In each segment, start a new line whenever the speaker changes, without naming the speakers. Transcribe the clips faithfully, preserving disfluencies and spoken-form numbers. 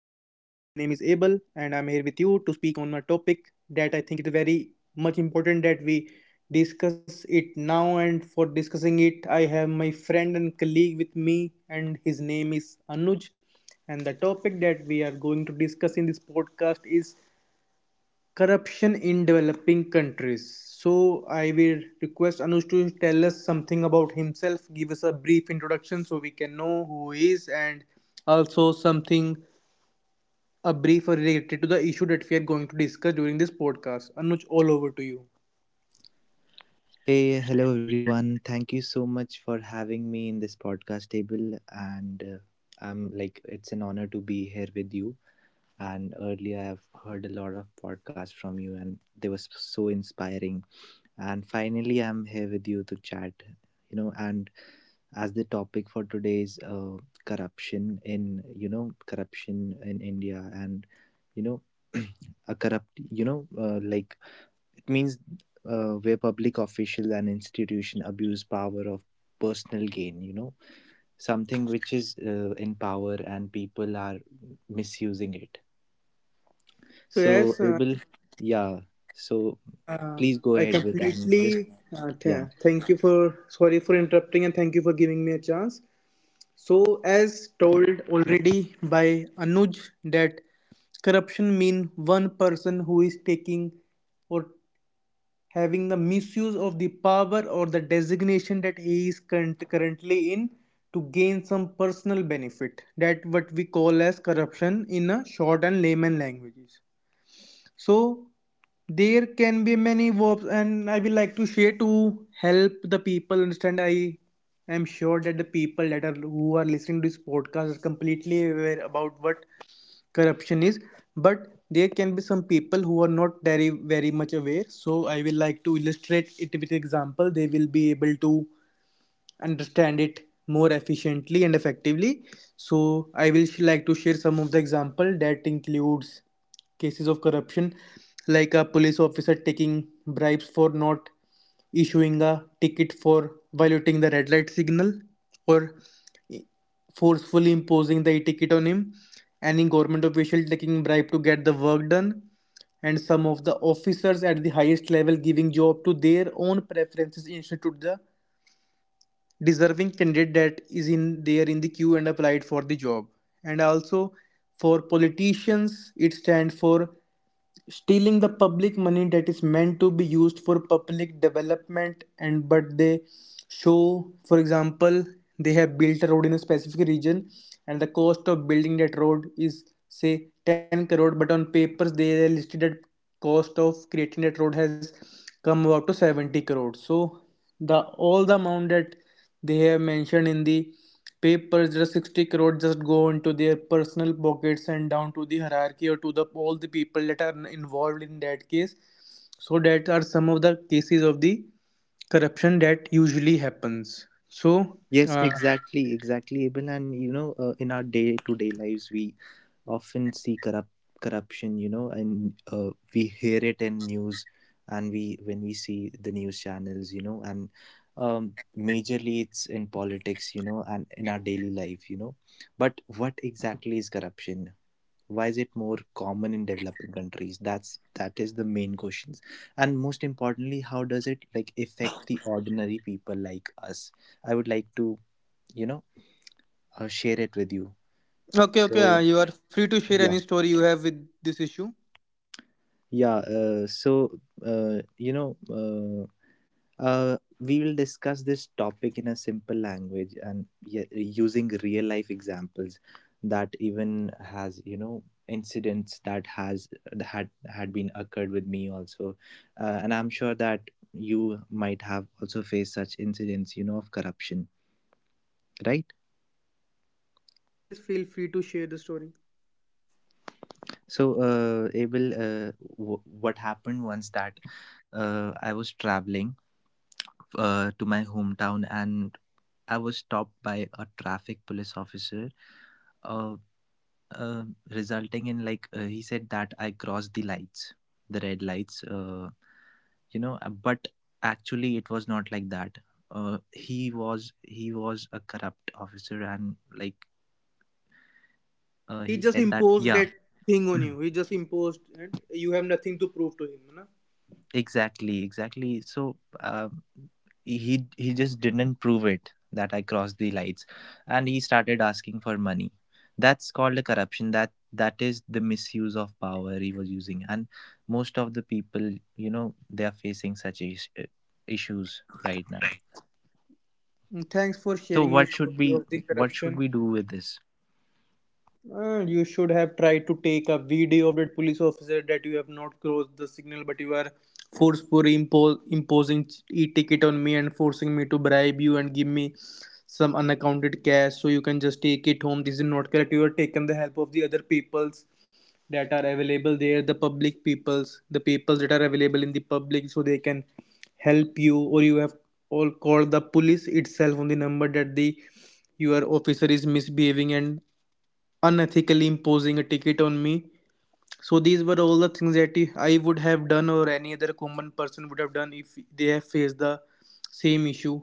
and I'm here with you to speak on a topic that I think it is very much important that we discuss it now. And for discussing it, I have my friend and colleague with me, and his name is Anuj. And the topic that we are going to discuss in this podcast is corruption in developing countries. So I will request Anush to tell us something about himself, give us a brief introduction so we can know who he is, and also something, a brief related to the issue that we are going to discuss during this podcast. Anuj, all over to you.
Hey, hello everyone. Thank you so much for having me in this podcast table. And uh, I'm like, it's an honor to be here with you. And earlier, I've heard a lot of podcasts from you, and they were so inspiring. And finally, I'm here with you to chat, you know. And as the topic for today is uh, corruption in, you know, corruption in India, and you know, a corrupt, you know, uh, like it means uh, where public official and institution abuse power of personal gain, you know, something which is uh, in power and people are misusing it.
So,
So,
yes. uh,
Abel, yeah. So,
uh,
please go
I
ahead with and
completely
just,
uh, th-
yeah.
thank you for Sorry for interrupting, and thank you for giving me a chance. So, as told already by Anuj, that corruption means one person who is taking or having the misuse of the power or the designation that he is currently in to gain some personal benefit. That what we call as corruption in a short and layman languages. So there can be many verbs, and I will like to share to help the people understand. I am sure that the people that are who are listening to this podcast are completely aware about what corruption is, but there can be some people who are not very very much aware. So I will like to illustrate it with example they will be able to understand it more efficiently and effectively. So I will like to share some of the example that includes cases of corruption, like a police officer taking bribes for not issuing a ticket for violating the red light signal, or forcefully imposing the ticket on him, any government official taking bribe to get the work done, and some of the officers at the highest level giving job to their own preferences instead of the deserving candidate that is in there in the queue and applied for the job, and also for politicians it stands for stealing the public money that is meant to be used for public development, and but they show. For example, they have built a road in a specific region and the cost of building that road is say 10 crore, but on papers they are listed that cost of creating that road has come about to 70 crore. So the all the amount that they have mentioned in the papers, that 60 crore just go into their personal pockets and down to the hierarchy or to the all the people that are involved in that case. So that are some of the cases of the corruption that usually happens. So
Yes,
uh,
exactly, exactly, Ibn. And you know, uh, in our day-to-day lives, we often see corrupt corruption. You know, and uh, we hear it in news, and we when we see the news channels, you know, and um, majorly it's in politics, you know, and in our daily life, you know. But what exactly is corruption? Why is it more common in developing countries? That's that is the main questions, and most importantly, how does it like affect the ordinary people like us? I would like to you know uh, share it with you
okay, okay, uh,
so
you are free to share any
yeah
story you have with this issue.
yeah uh, so uh, you know uh, uh, We will discuss this topic in a simple language and y- using real life examples that even has you know incidents that has had had been occurred with me also. Uh, and I'm sure that you might have also faced such incidents, you know, of corruption, right?
Says feel free to share the story.
So, uh, Abel, uh, w- what happened once that uh, I was traveling uh, to my hometown and I was stopped by a traffic police officer, uh, uh, resulting in like uh, he said that I crossed the lights, the red lights, uh, you know, uh, but actually it was not like that. Uh, he was he was a corrupt officer and like uh,
He
he
just
said that
imposed
yeah.
that thing on you. He just imposed, and you have nothing to prove to him, na?
Exactly, exactly. So um, he he just didn't prove it that I crossed the lights, and he started asking for money. That's called a corruption. That that is the misuse of power he was using, and most of the people, you know, they are facing such is- uh, issues right now.
Mm, thanks for
So
sharing your
what should
story
we
of the
what should
corruption.
we do with this?
Uh, you should have tried to take a video of that police officer that you have not crossed the signal, but you are forcefully impo- imposing e-ticket on me and forcing me to bribe you and give me some unaccounted cash so you can just take it home. This is not correct. You are taking the help of the other peoples that are available there, the public peoples, the peoples that are available in the public, so they can help you. Or you have all called the police itself on the number that the your officer is misbehaving and unethically imposing a ticket on me. So these were all the things that I would have done, or any other common person would have done if they have faced the same issue.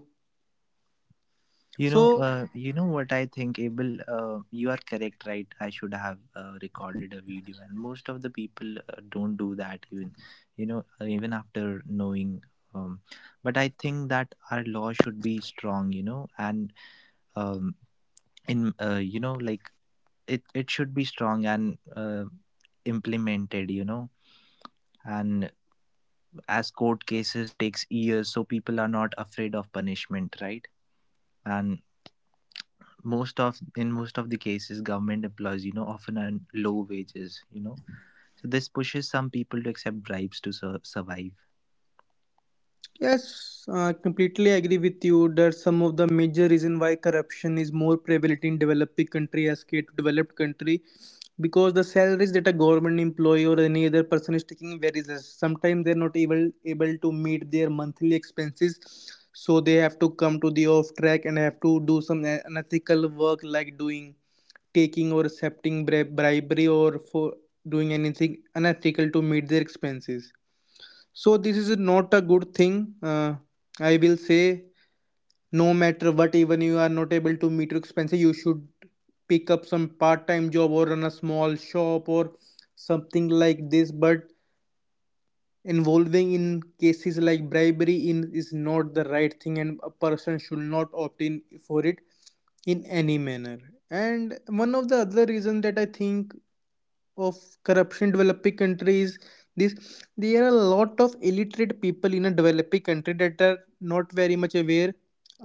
You know,
So
uh, you know what I think, Abel. Uh, you are correct, right? I should have uh, recorded a video, and most of the people uh, don't do that. Even, you know, uh, even after knowing. Um, but I think that our law should be strong, you know, and um, in uh, you know, like it it should be strong and uh, implemented, you know. And as court cases takes years, so people are not afraid of punishment, right? And most of in most of the cases, government employees, you know, often earn low wages, you know, so this pushes some people to accept bribes to sur- survive.
yes, I completely agree with you that some of the major reason why corruption is more prevalent in developing country as compared to developed country, because the salaries that a government employee or any other person is taking varies. Less. Sometimes they're not able able to meet their monthly expenses, so they have to come to the off track and have to do some a- unethical work like doing, taking or accepting bri- bribery, or for doing anything unethical to meet their expenses. So this is not a good thing. Uh, I will say, no matter what, even you are not able to meet your expenses, you should pick up some part-time job or run a small shop or something like this, but involving in cases like bribery in is not the right thing, and a person should not opt in for it in any manner. And one of the other reasons that I think of corruption in developing countries, this, there are a lot of illiterate people in a developing country that are not very much aware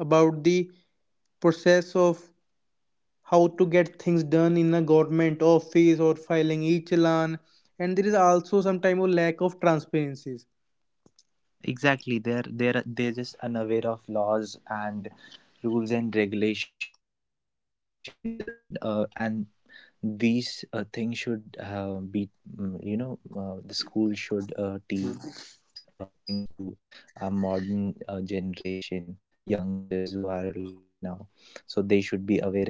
about the process of how to get things done in a government office or filing e-challan. And there is also some time of lack of transparency.
Exactly, they're they're they're just unaware of laws and rules and regulations, uh, uh, and these uh, things should uh, be mm, you know uh, The school should uh, teach these uh, things to our modern uh, generation, youngsters who are like growing up right now, so they should be aware in uh, future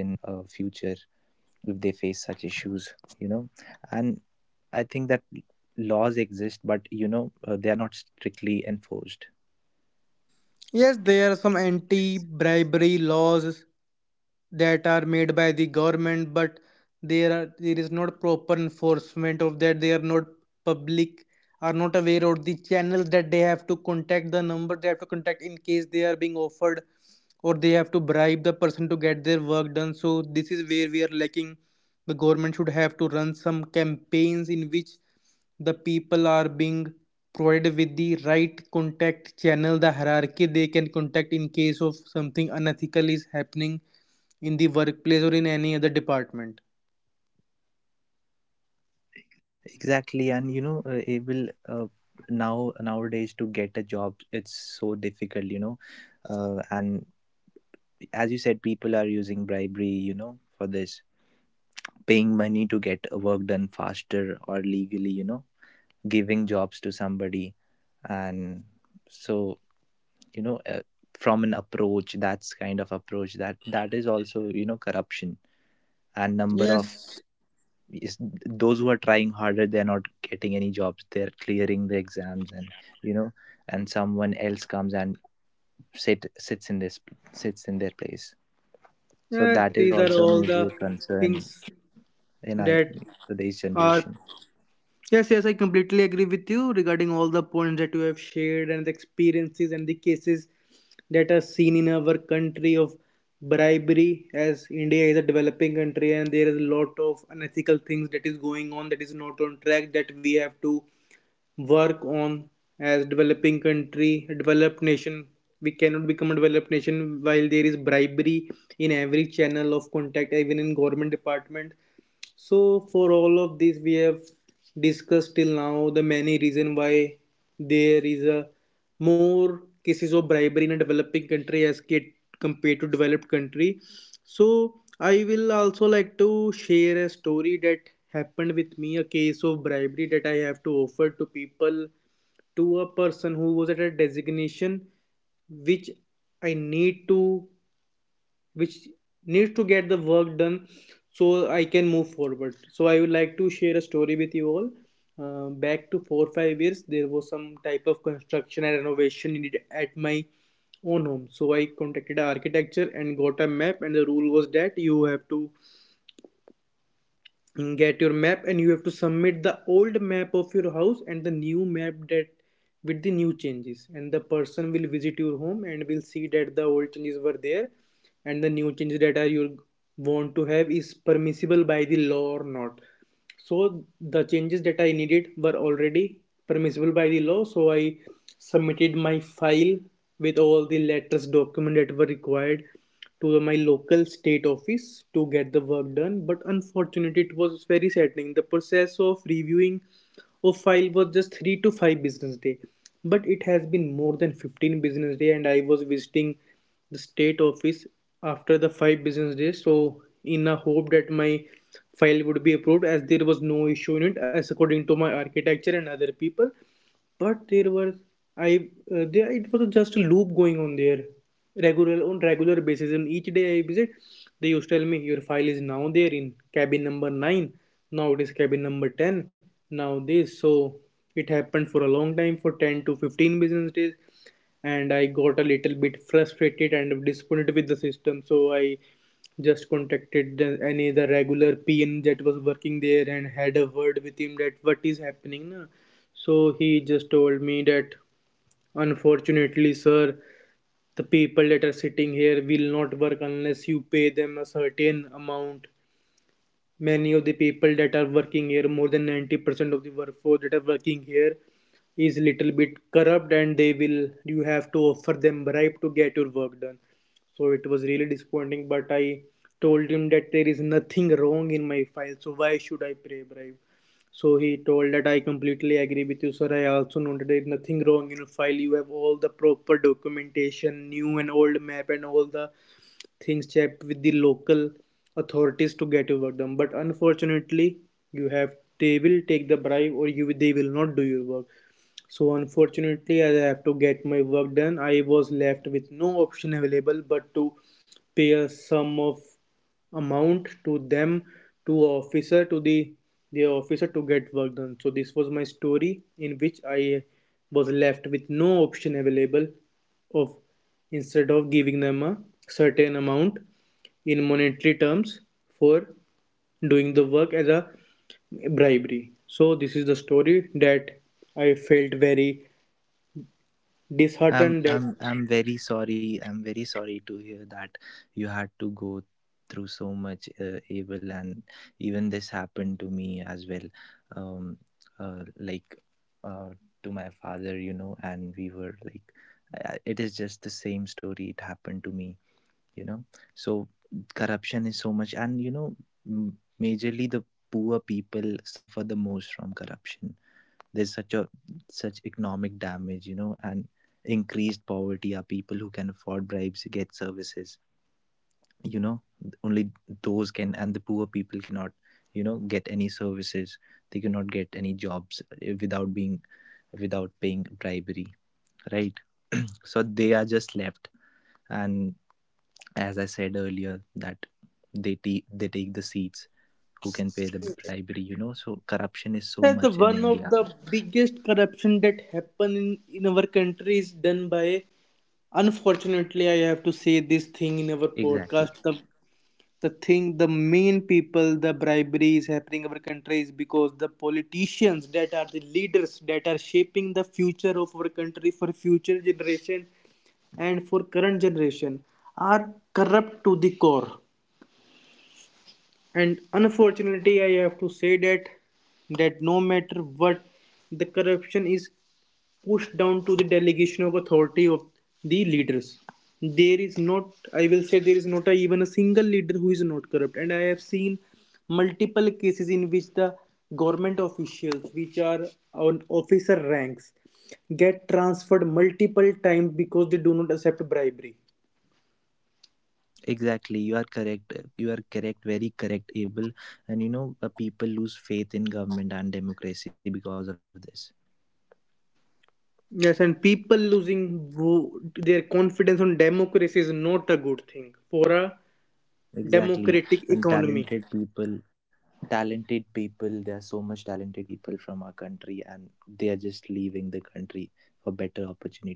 if they face such issues, you know. And I think that laws exist, but you know, uh, they are not strictly enforced.
Yes, there are some anti bribery laws that are made by the government, but there are there is not proper enforcement of that. They are not, public are not aware of the channels that they have to contact, the number they have to contact in case they are being offered or they have to bribe the person to get their work done. So this is where we are lacking. The government should have to run some campaigns in which the people are being provided with the right contact channel, the hierarchy they can contact in case of something unethical is happening in the workplace or in any other department.
Exactly, and you know, uh, it will uh, now nowadays to get a job it's so difficult, you know, uh, and as you said, people are using bribery, you know, for this, paying money to get work done faster or legally, you know, giving jobs to somebody, and so you know, uh, from an approach, that's kind of approach that that is also, you know, corruption. And number of
Yes,
is, those who are trying harder, they're not getting any jobs, they're clearing the exams, and you know, and someone else comes and sit sits in this sits in their place. So
yes,
that
these
is
are
also a
all the
major
things
concern in our
that
today's
are.
generation.
Yes, yes, I completely agree with you regarding all the points that you have shared and the experiences and the cases that are seen in our country of bribery, as India is a developing country and there is a lot of unethical things that is going on that is not on track that we have to work on as developing country, a developed nation. We cannot become a developed nation while there is bribery in every channel of contact, even in government department. So for all of this, we have discussed till now the many reason why there is a more cases of bribery in a developing country as compared to developed country. So I will also like to share a story that happened with me, a case of bribery that I have to offer to people, to a person who was at a designation which I need to, which needs to get the work done so I can move forward. So I would like to share a story with you all. Uh, back to four or five years, there was some type of construction and renovation needed at my own home. So I contacted an architecture and got a map, and the rule was that you have to get your map and you have to submit the old map of your house and the new map, that with the new changes, and the person will visit your home and will see that the old changes were there and the new changes that are you want to have is permissible by the law or not. So the changes that I needed were already permissible by the law, so I submitted my file with all the letters document that were required to my local state office to get the work done. But unfortunately, it was very saddening. The process of reviewing a file was just three to five business day, but it has been more than fifteen business day, and I was visiting the state office after the five business days. So, in a hope that my file would be approved, as there was no issue in it, as according to my architecture and other people. But there was I uh, there it was just a loop going on there, regular on regular basis. And each day I visit, they used to tell me your file is now there in cabin number nine. Now it is cabin number ten. Now this. So it happened for a long time for ten to fifteen business days, and I got a little bit frustrated and disappointed with the system. So I just contacted the, any the regular P N that was working there and had a word with him that what is happening. Na? So he just told me that unfortunately, sir, the people that are sitting here will not work unless you pay them a certain amount. Many of the people that are working here, more than ninety percent of the workforce that are working here, is little bit corrupt and they will you have to offer them bribe to get your work done. So it was really disappointing, but I told him that there is nothing wrong in my file, so why should I pay bribe? So he told that I completely agree with you sir, I also noted there is nothing wrong in your file, you have all the proper documentation, new and old map, and all the things checked with the local authorities to get your work done. But unfortunately you have they will take the bribe or you they will not do your work. So unfortunately, as I have to get my work done, I was left with no option available but to pay a sum of amount to them, to officer to the the officer to get work done. So this was my story, in which I was left with no option available of, instead of giving them a certain amount in monetary terms for doing the work as a bribery. So this is the story that I felt very
I'm
disheartened, that
I'm I'm very sorry. I'm very sorry to hear that you had to go through so much uh, evil, and even this happened to me as well. Um, uh, like, uh, to my father, you know, and we were like, uh, it is just the same story. It happened to me, you know. So corruption is so much, and you know, m- majorly the poor people suffer the most from corruption. There's such a such economic damage, you know, and increased poverty. Are people who can afford bribes get services, you know, only those can, and the poor people cannot, you know, get any services. They cannot get any jobs, eh, without being without paying bribery, right? So they are just left. And as I said earlier, that they te- they take the seats who can pay the bribery, you know, so corruption is so
that's the
much in
one of
India.
the biggest corruption that happen in, in our country is done by, unfortunately I have to say this thing in our
Exactly.
podcast, the the thing the main people, the bribery is happening in our country is because the politicians that are the leaders that are shaping the future of our country for future generation and for current generation are corrupt to the core. And unfortunately I have to say that, that no matter what, the corruption is pushed down to the delegation of authority of the leaders. There is not, I will say, there is not a, even a single leader who is not corrupt. And I have seen multiple cases in which the government officials, which are on officer ranks, get transferred multiple times because they do not accept bribery.
Exactly, you are correct. uh, You are correct, very correct, Abel. And you know, uh, people lose faith in government and democracy because of this.
Yes, and people losing their confidence on democracy is not a good thing for a
Exactly, and
democratic
talented
economy.
people, talented people. There are so much talented people from our country, and they are just leaving the country for better opportunities.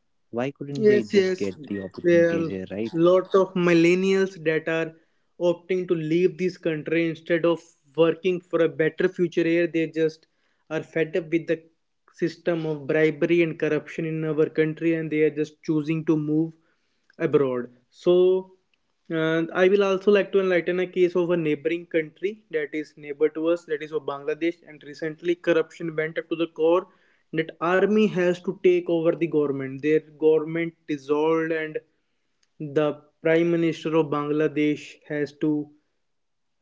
Why couldn't they just
Yes,
get
yes.
the opportunities
There
here,
are
right?
lots of millennials that are opting to leave this country instead of working for a better future here. They just are fed up with the system of bribery and corruption in our country and they are just choosing to move abroad. So, uh, I will also like to enlighten a case of a neighboring country that is neighbor to us, that is of Bangladesh, and recently corruption went up to the core that army has to take over the government. Their government dissolved and the prime minister of Bangladesh has to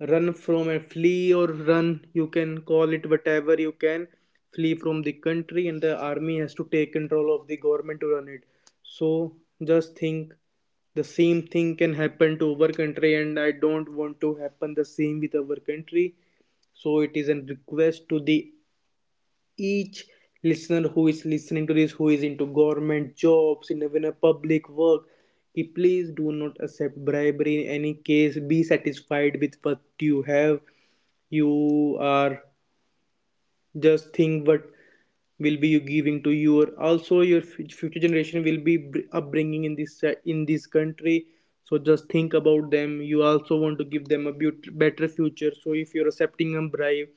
run from and flee, or run, you can call it whatever you can, flee from the country, and the army has to take control of the government to run it. So just think, the same thing can happen to our country, and I don't want to happen the same with our country. So it is a request to the each listener who is listening to this, who is into government jobs in even a public work, he please do not accept bribery in any case. Be satisfied with what you have. You are, just think what will be you giving to your, also your future generation will be upbringing in this uh, in this country. So just think about them, you also want to give them a better future. So if you're accepting a bribe,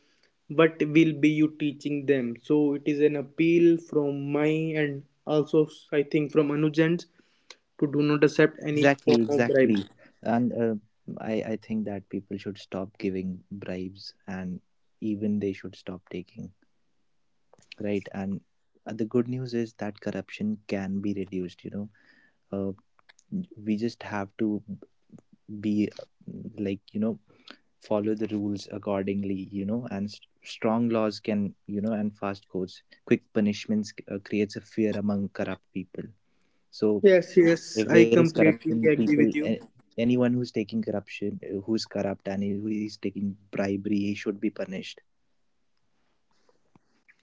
what will be you teaching them? So it is an appeal from my and also I think from Anujans to do not accept any
Exactly,
form of
exactly.
bribe.
And uh, I, I think that people should stop giving bribes, and even they should stop taking, right? And uh, the good news is that corruption can be reduced, you know. uh, we just have to be uh, like, you know, follow the rules accordingly, you know. And s strong laws can, you know, and fast courts, quick punishments, uh, creates a fear among corrupt people. So
Yes, yes,
if
I
there is corruption
completely agree
people
with you.
a- anyone who's taking corruption, uh, who's corrupt and who is taking bribery, he should be punished.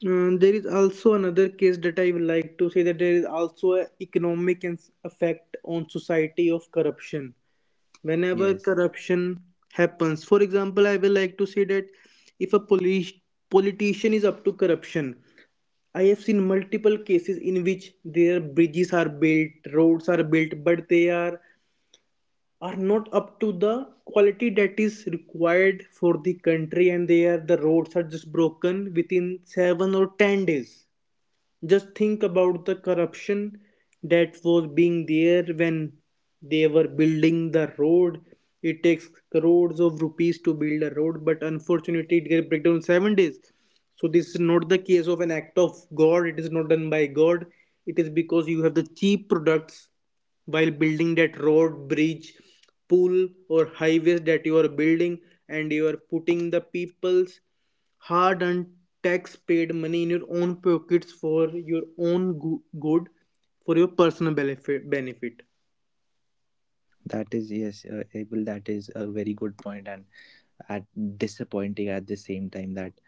Um, there is also another case that I would like to say, that there is also an economic and s- effect on society of corruption. Whenever
Yes,
corruption happens, for example, I will like to say that if a police politician is up to corruption, I have seen multiple cases in which their bridges are built, roads are built, but they are are not up to the quality that is required for the country, and they are, the roads are just broken within seven or ten days. Just think about the corruption that was being there when they were building the road. It takes crores of rupees to build a road, but unfortunately, it gets breakdown in seven days. So, this is not the case of an act of God, it is not done by God, it is because you have the cheap products while building that road, bridge, pool, or highways that you are building, and you are putting the people's hard earned tax paid money in your own pockets for your own go- good, for your personal benefit benefit.
that is, yes, uh, Abel, that is a very good point, and at disappointing at the same time, that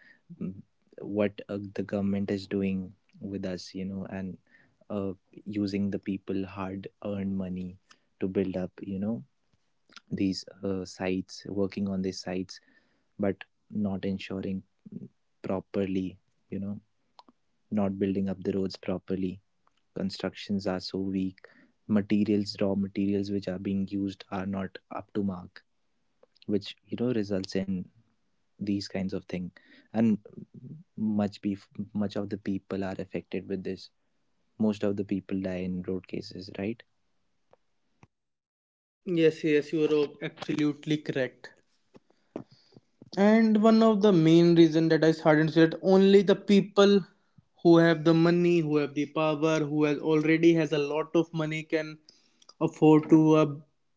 mm, what uh, the government is doing with us, you know, and uh, using the people hard earned money to build up, you know, these uh, sites, working on these sites, but not ensuring properly, you know, not building up the roads properly. Constructions are so weak, materials, raw materials, which are being used are not up to mark, which, you know, results in these kinds of thing. And much be much of the people are affected with this. Most of the people die in road cases, right?
Yes, yes, you are absolutely correct. And one of the main reason that I started is that only the people who have the money, who have the power, who has already has a lot of money can afford to uh,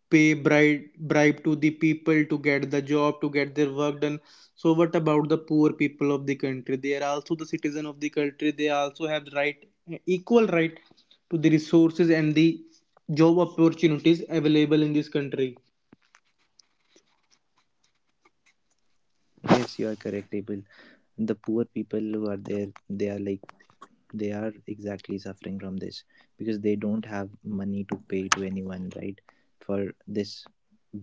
pay bribe bribe to the people to get the job, to get their work done. So what about the poor people of the country? They are also the citizen of the country. They also have right, equal right to the resources and the job opportunities available in this country.
Yes, you are correct, Abel. The poor people who are there, they are like, they are exactly suffering from this, because they don't have money to pay to anyone, right, for this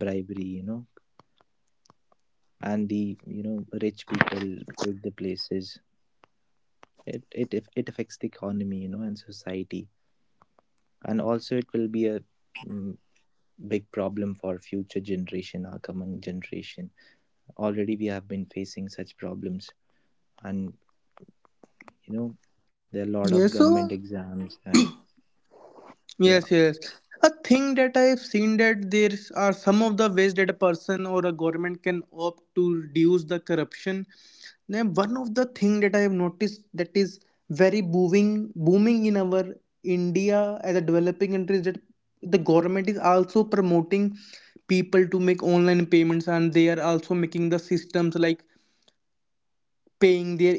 bribery, you know. And the, you know, rich people take the places. It it it affects the economy, you know, and society. And also it will be a mm, big problem for future generation, our coming generation. Already we have been facing such problems. And you know, there are a lot of
Yes,
government
so
exams and yeah.
yes, yes. A thing that I've seen, that there is- are some of the ways that a person or a government can opt to reduce the corruption. Then one of the thing that I have noticed that is very booming, booming in our India as a developing country is that the government is also promoting people to make online payments, and they are also making the systems like paying their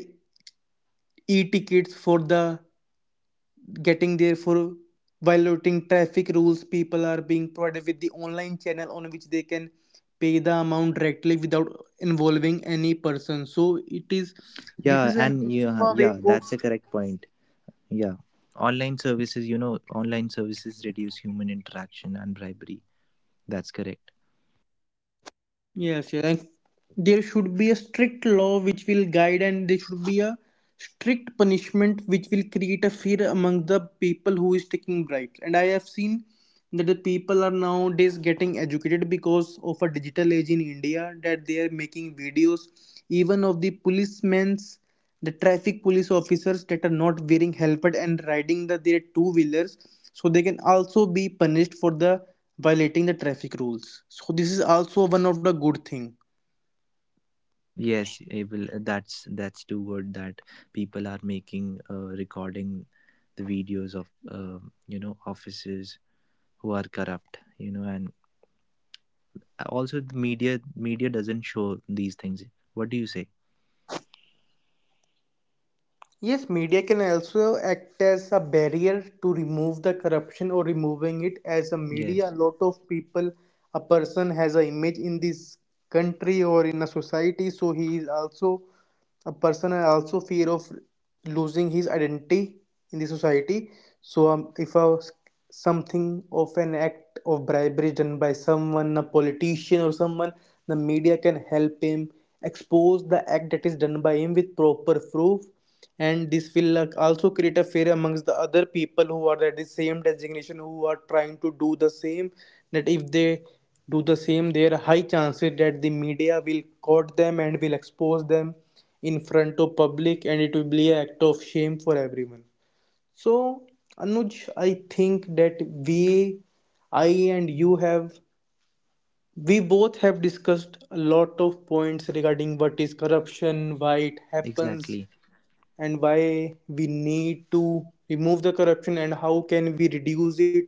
e-tickets for the getting there for violating traffic rules, people are being provided with the online channel on which they can pay the amount directly without involving any person. So it is, this
yeah
is an
and
also
yeah
a way
yeah
of.
that's a correct point. Yeah, online services, you know, online services reduce human interaction and bribery, that's correct.
Yes, yes. And there should be a strict law which will guide, and there should be a strict punishment which will create a fear among the people who is taking bribes. And I have seen that the people are nowadays getting educated because of a digital age in India, that they are making videos even of the policemen's, the traffic police officers that are not wearing helmet and riding the, their two wheelers, so they can also be punished for the violating the traffic rules. So this is also one of the good thing.
Yes, it will. that's that's the word, that people are making uh, recording the videos of uh, you know, officers who are corrupt, you know. And also the media media doesn't show these things, what do you say?
Yes, media can also act as a barrier to remove the corruption or removing it. As a media,
Yes,
a lot of people, a person has an image in this country or in a society, so he is also a person and also fear of losing his identity in the society. So, um, if a something of an act of bribery done by someone, a politician or someone, the media can help him expose the act that is done by him with proper proof. And this will like, also create a fear amongst the other people who are at the same designation who are trying to do the same. That if they do the same, there are high chances that the media will caught them and will expose them in front of public, and it will be an act of shame for everyone. So, Anuj, I think that we, I, and you have, we both have discussed a lot of points regarding what is corruption, why it happens,
exactly.
and why we need to remove the corruption and how can we reduce it.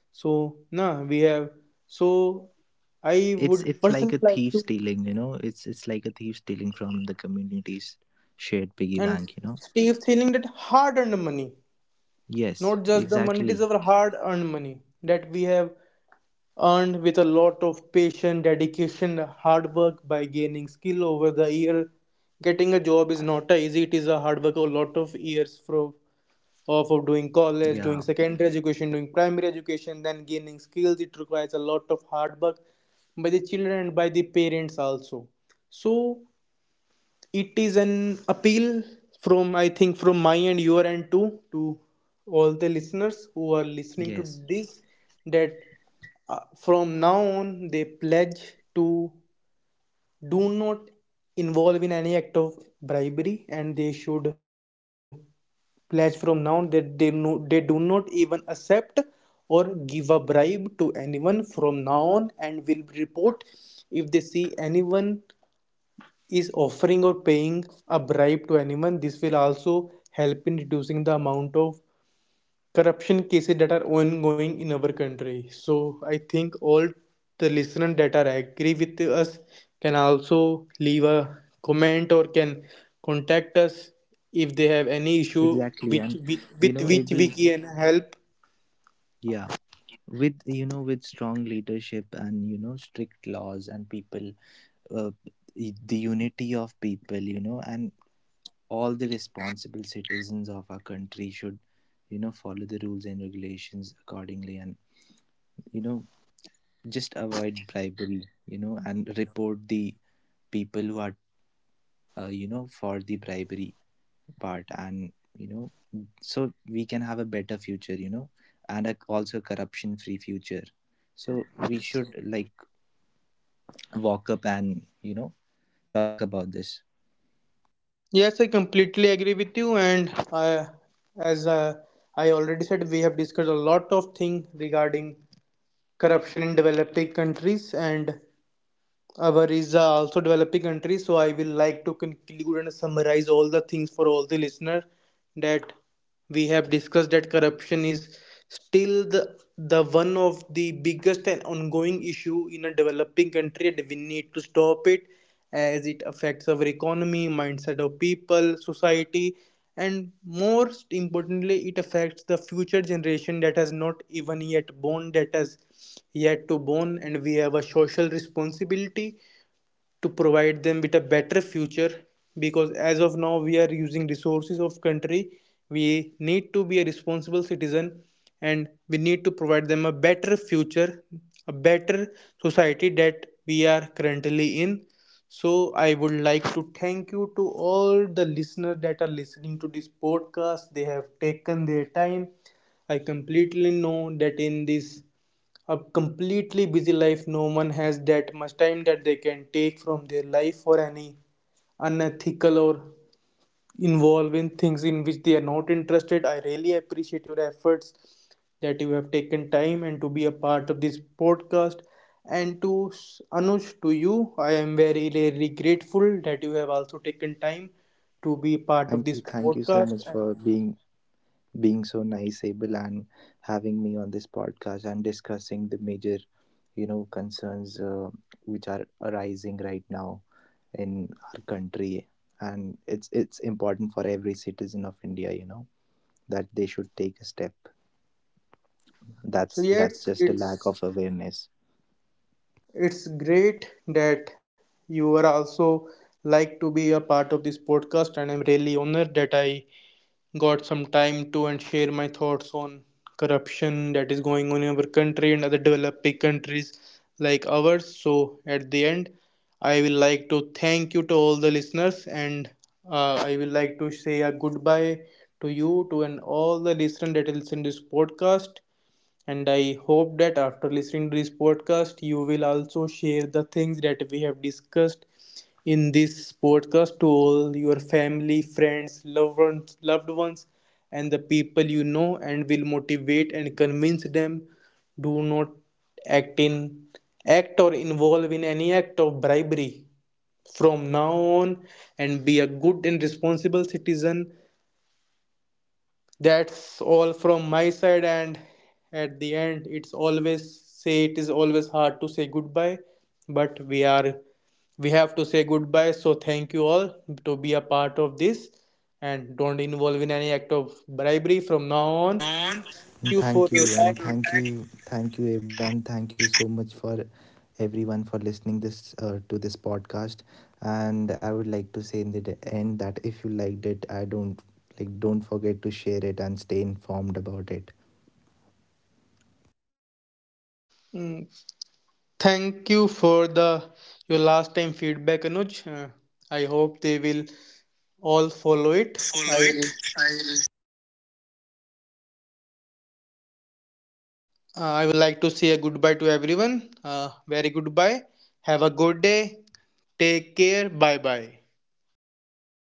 So, nah, we have. So, I
it's
would
it's like a
personally like
thief
to.
stealing, you know, it's it's like a thief stealing from the community's shared piggy
And
bank, you know.
Steve feeling that hard earned money,
Yes,
not just the money, it
exactly.
is our hard earned money that we have earned with a lot of patience, dedication, hard work by gaining skill over the year. Getting a job is not a easy, it is a hard work, a lot of years from of, of doing
Yeah.
college, doing secondary education, doing primary education, then gaining skills. It requires a lot of hard work by the children and by the parents also. So it is an appeal from I think from my and your end too to all the listeners who are listening to
Yes,
this, that uh, from now on they pledge to do not involve in any act of bribery, and they should pledge from now on that they no, they do not even accept or give a bribe to anyone from now on, and will report if they see anyone is offering or paying a bribe to anyone. This will also help in reducing the amount of corruption cases that are ongoing in our country. So I think all the listeners that are agree with us can also leave a comment, or can contact us if they have any issue
exactly.
which,
And
which
you
with
know,
which we
able
can help.
yeah, with you know, with strong leadership and, you know, strict laws and people, uh, y- the unity of people, you know, and all the responsible citizens of our country should, you know, follow the rules and regulations accordingly. And you know, just avoid bribery, you know, and report the people who are uh, you know, for the bribery part. And you know, so we can have a better future, you know, and a, also corruption free future. So we should like walk up and you know talk about this.
Yes, I completely agree with you, and I, as uh, I already said, we have discussed a lot of things regarding corruption in developing countries, and our is uh, also developing countries. So I will like to conclude and summarize all the things for all the listener, that we have discussed, that corruption is still the the one of the biggest and ongoing issue in a developing country, and we need to stop it as it affects our economy, mindset of people, society, and most importantly, it affects the future generation that has not even yet born, that has yet to born, and we have a social responsibility to provide them with a better future, because as of now we are using resources of country. We need to be a responsible citizen, and we need to provide them a better future, a better society that we are currently in. So I would like to thank you to all the listeners that are listening to this podcast, they have taken their time. I completely know that in this a completely busy life, no one has that much time that they can take from their life for any unethical or involve in things in which they are not interested. I really appreciate your efforts that you have taken time and to be a part of this podcast. And to s- Anuj, to you, I am very very grateful that you have also taken time to be part
Thank
of
you,
this
thank you so
podcast.
much for being being so nice, Abel, and having me on this podcast and discussing the major, you know, concerns uh, which are arising right now in our country. And it's it's important for every citizen of India, you know, that they should take a step.
So
That's that's
yes,
just a lack
it's
of awareness.
It's great that you are also like to be a part of this podcast, and I'm really honored that I got some time to and share my thoughts on corruption that is going on in our country and other developing countries like ours. So, at the end, I will like to thank you to all the listeners, and uh, I will like to say a goodbye to you to and all the listeners that listen to this podcast. And I hope that after listening to this podcast, you will also share the things that we have discussed in this podcast to all your family, friends, loved ones, loved ones, and the people you know, and will motivate and convince them. Do not act in act or involve in any act of bribery from now on, and be a good and responsible citizen. That's all from my side, and at the end, it's always say, it is always hard to say goodbye, but we are we have to say goodbye. So thank you all to be a part of this, and don't involve in any act of bribery from now on. Thank
Man.
you for your
Thank you, you.
time.
And thank you, thank you, Abel, and thank you so much for everyone for listening this uh, to this podcast. And I would like to say in the d- end that if you liked it, I don't like, don't forget to share it and stay informed about it.
Mm, thank you for the your last time feedback Anuj. Uh, I hope they will all follow it.
All follow
i
it.
Uh, I would like to say a goodbye to everyone. Uh, very goodbye. Have a good day. Take care. Bye bye.
Bye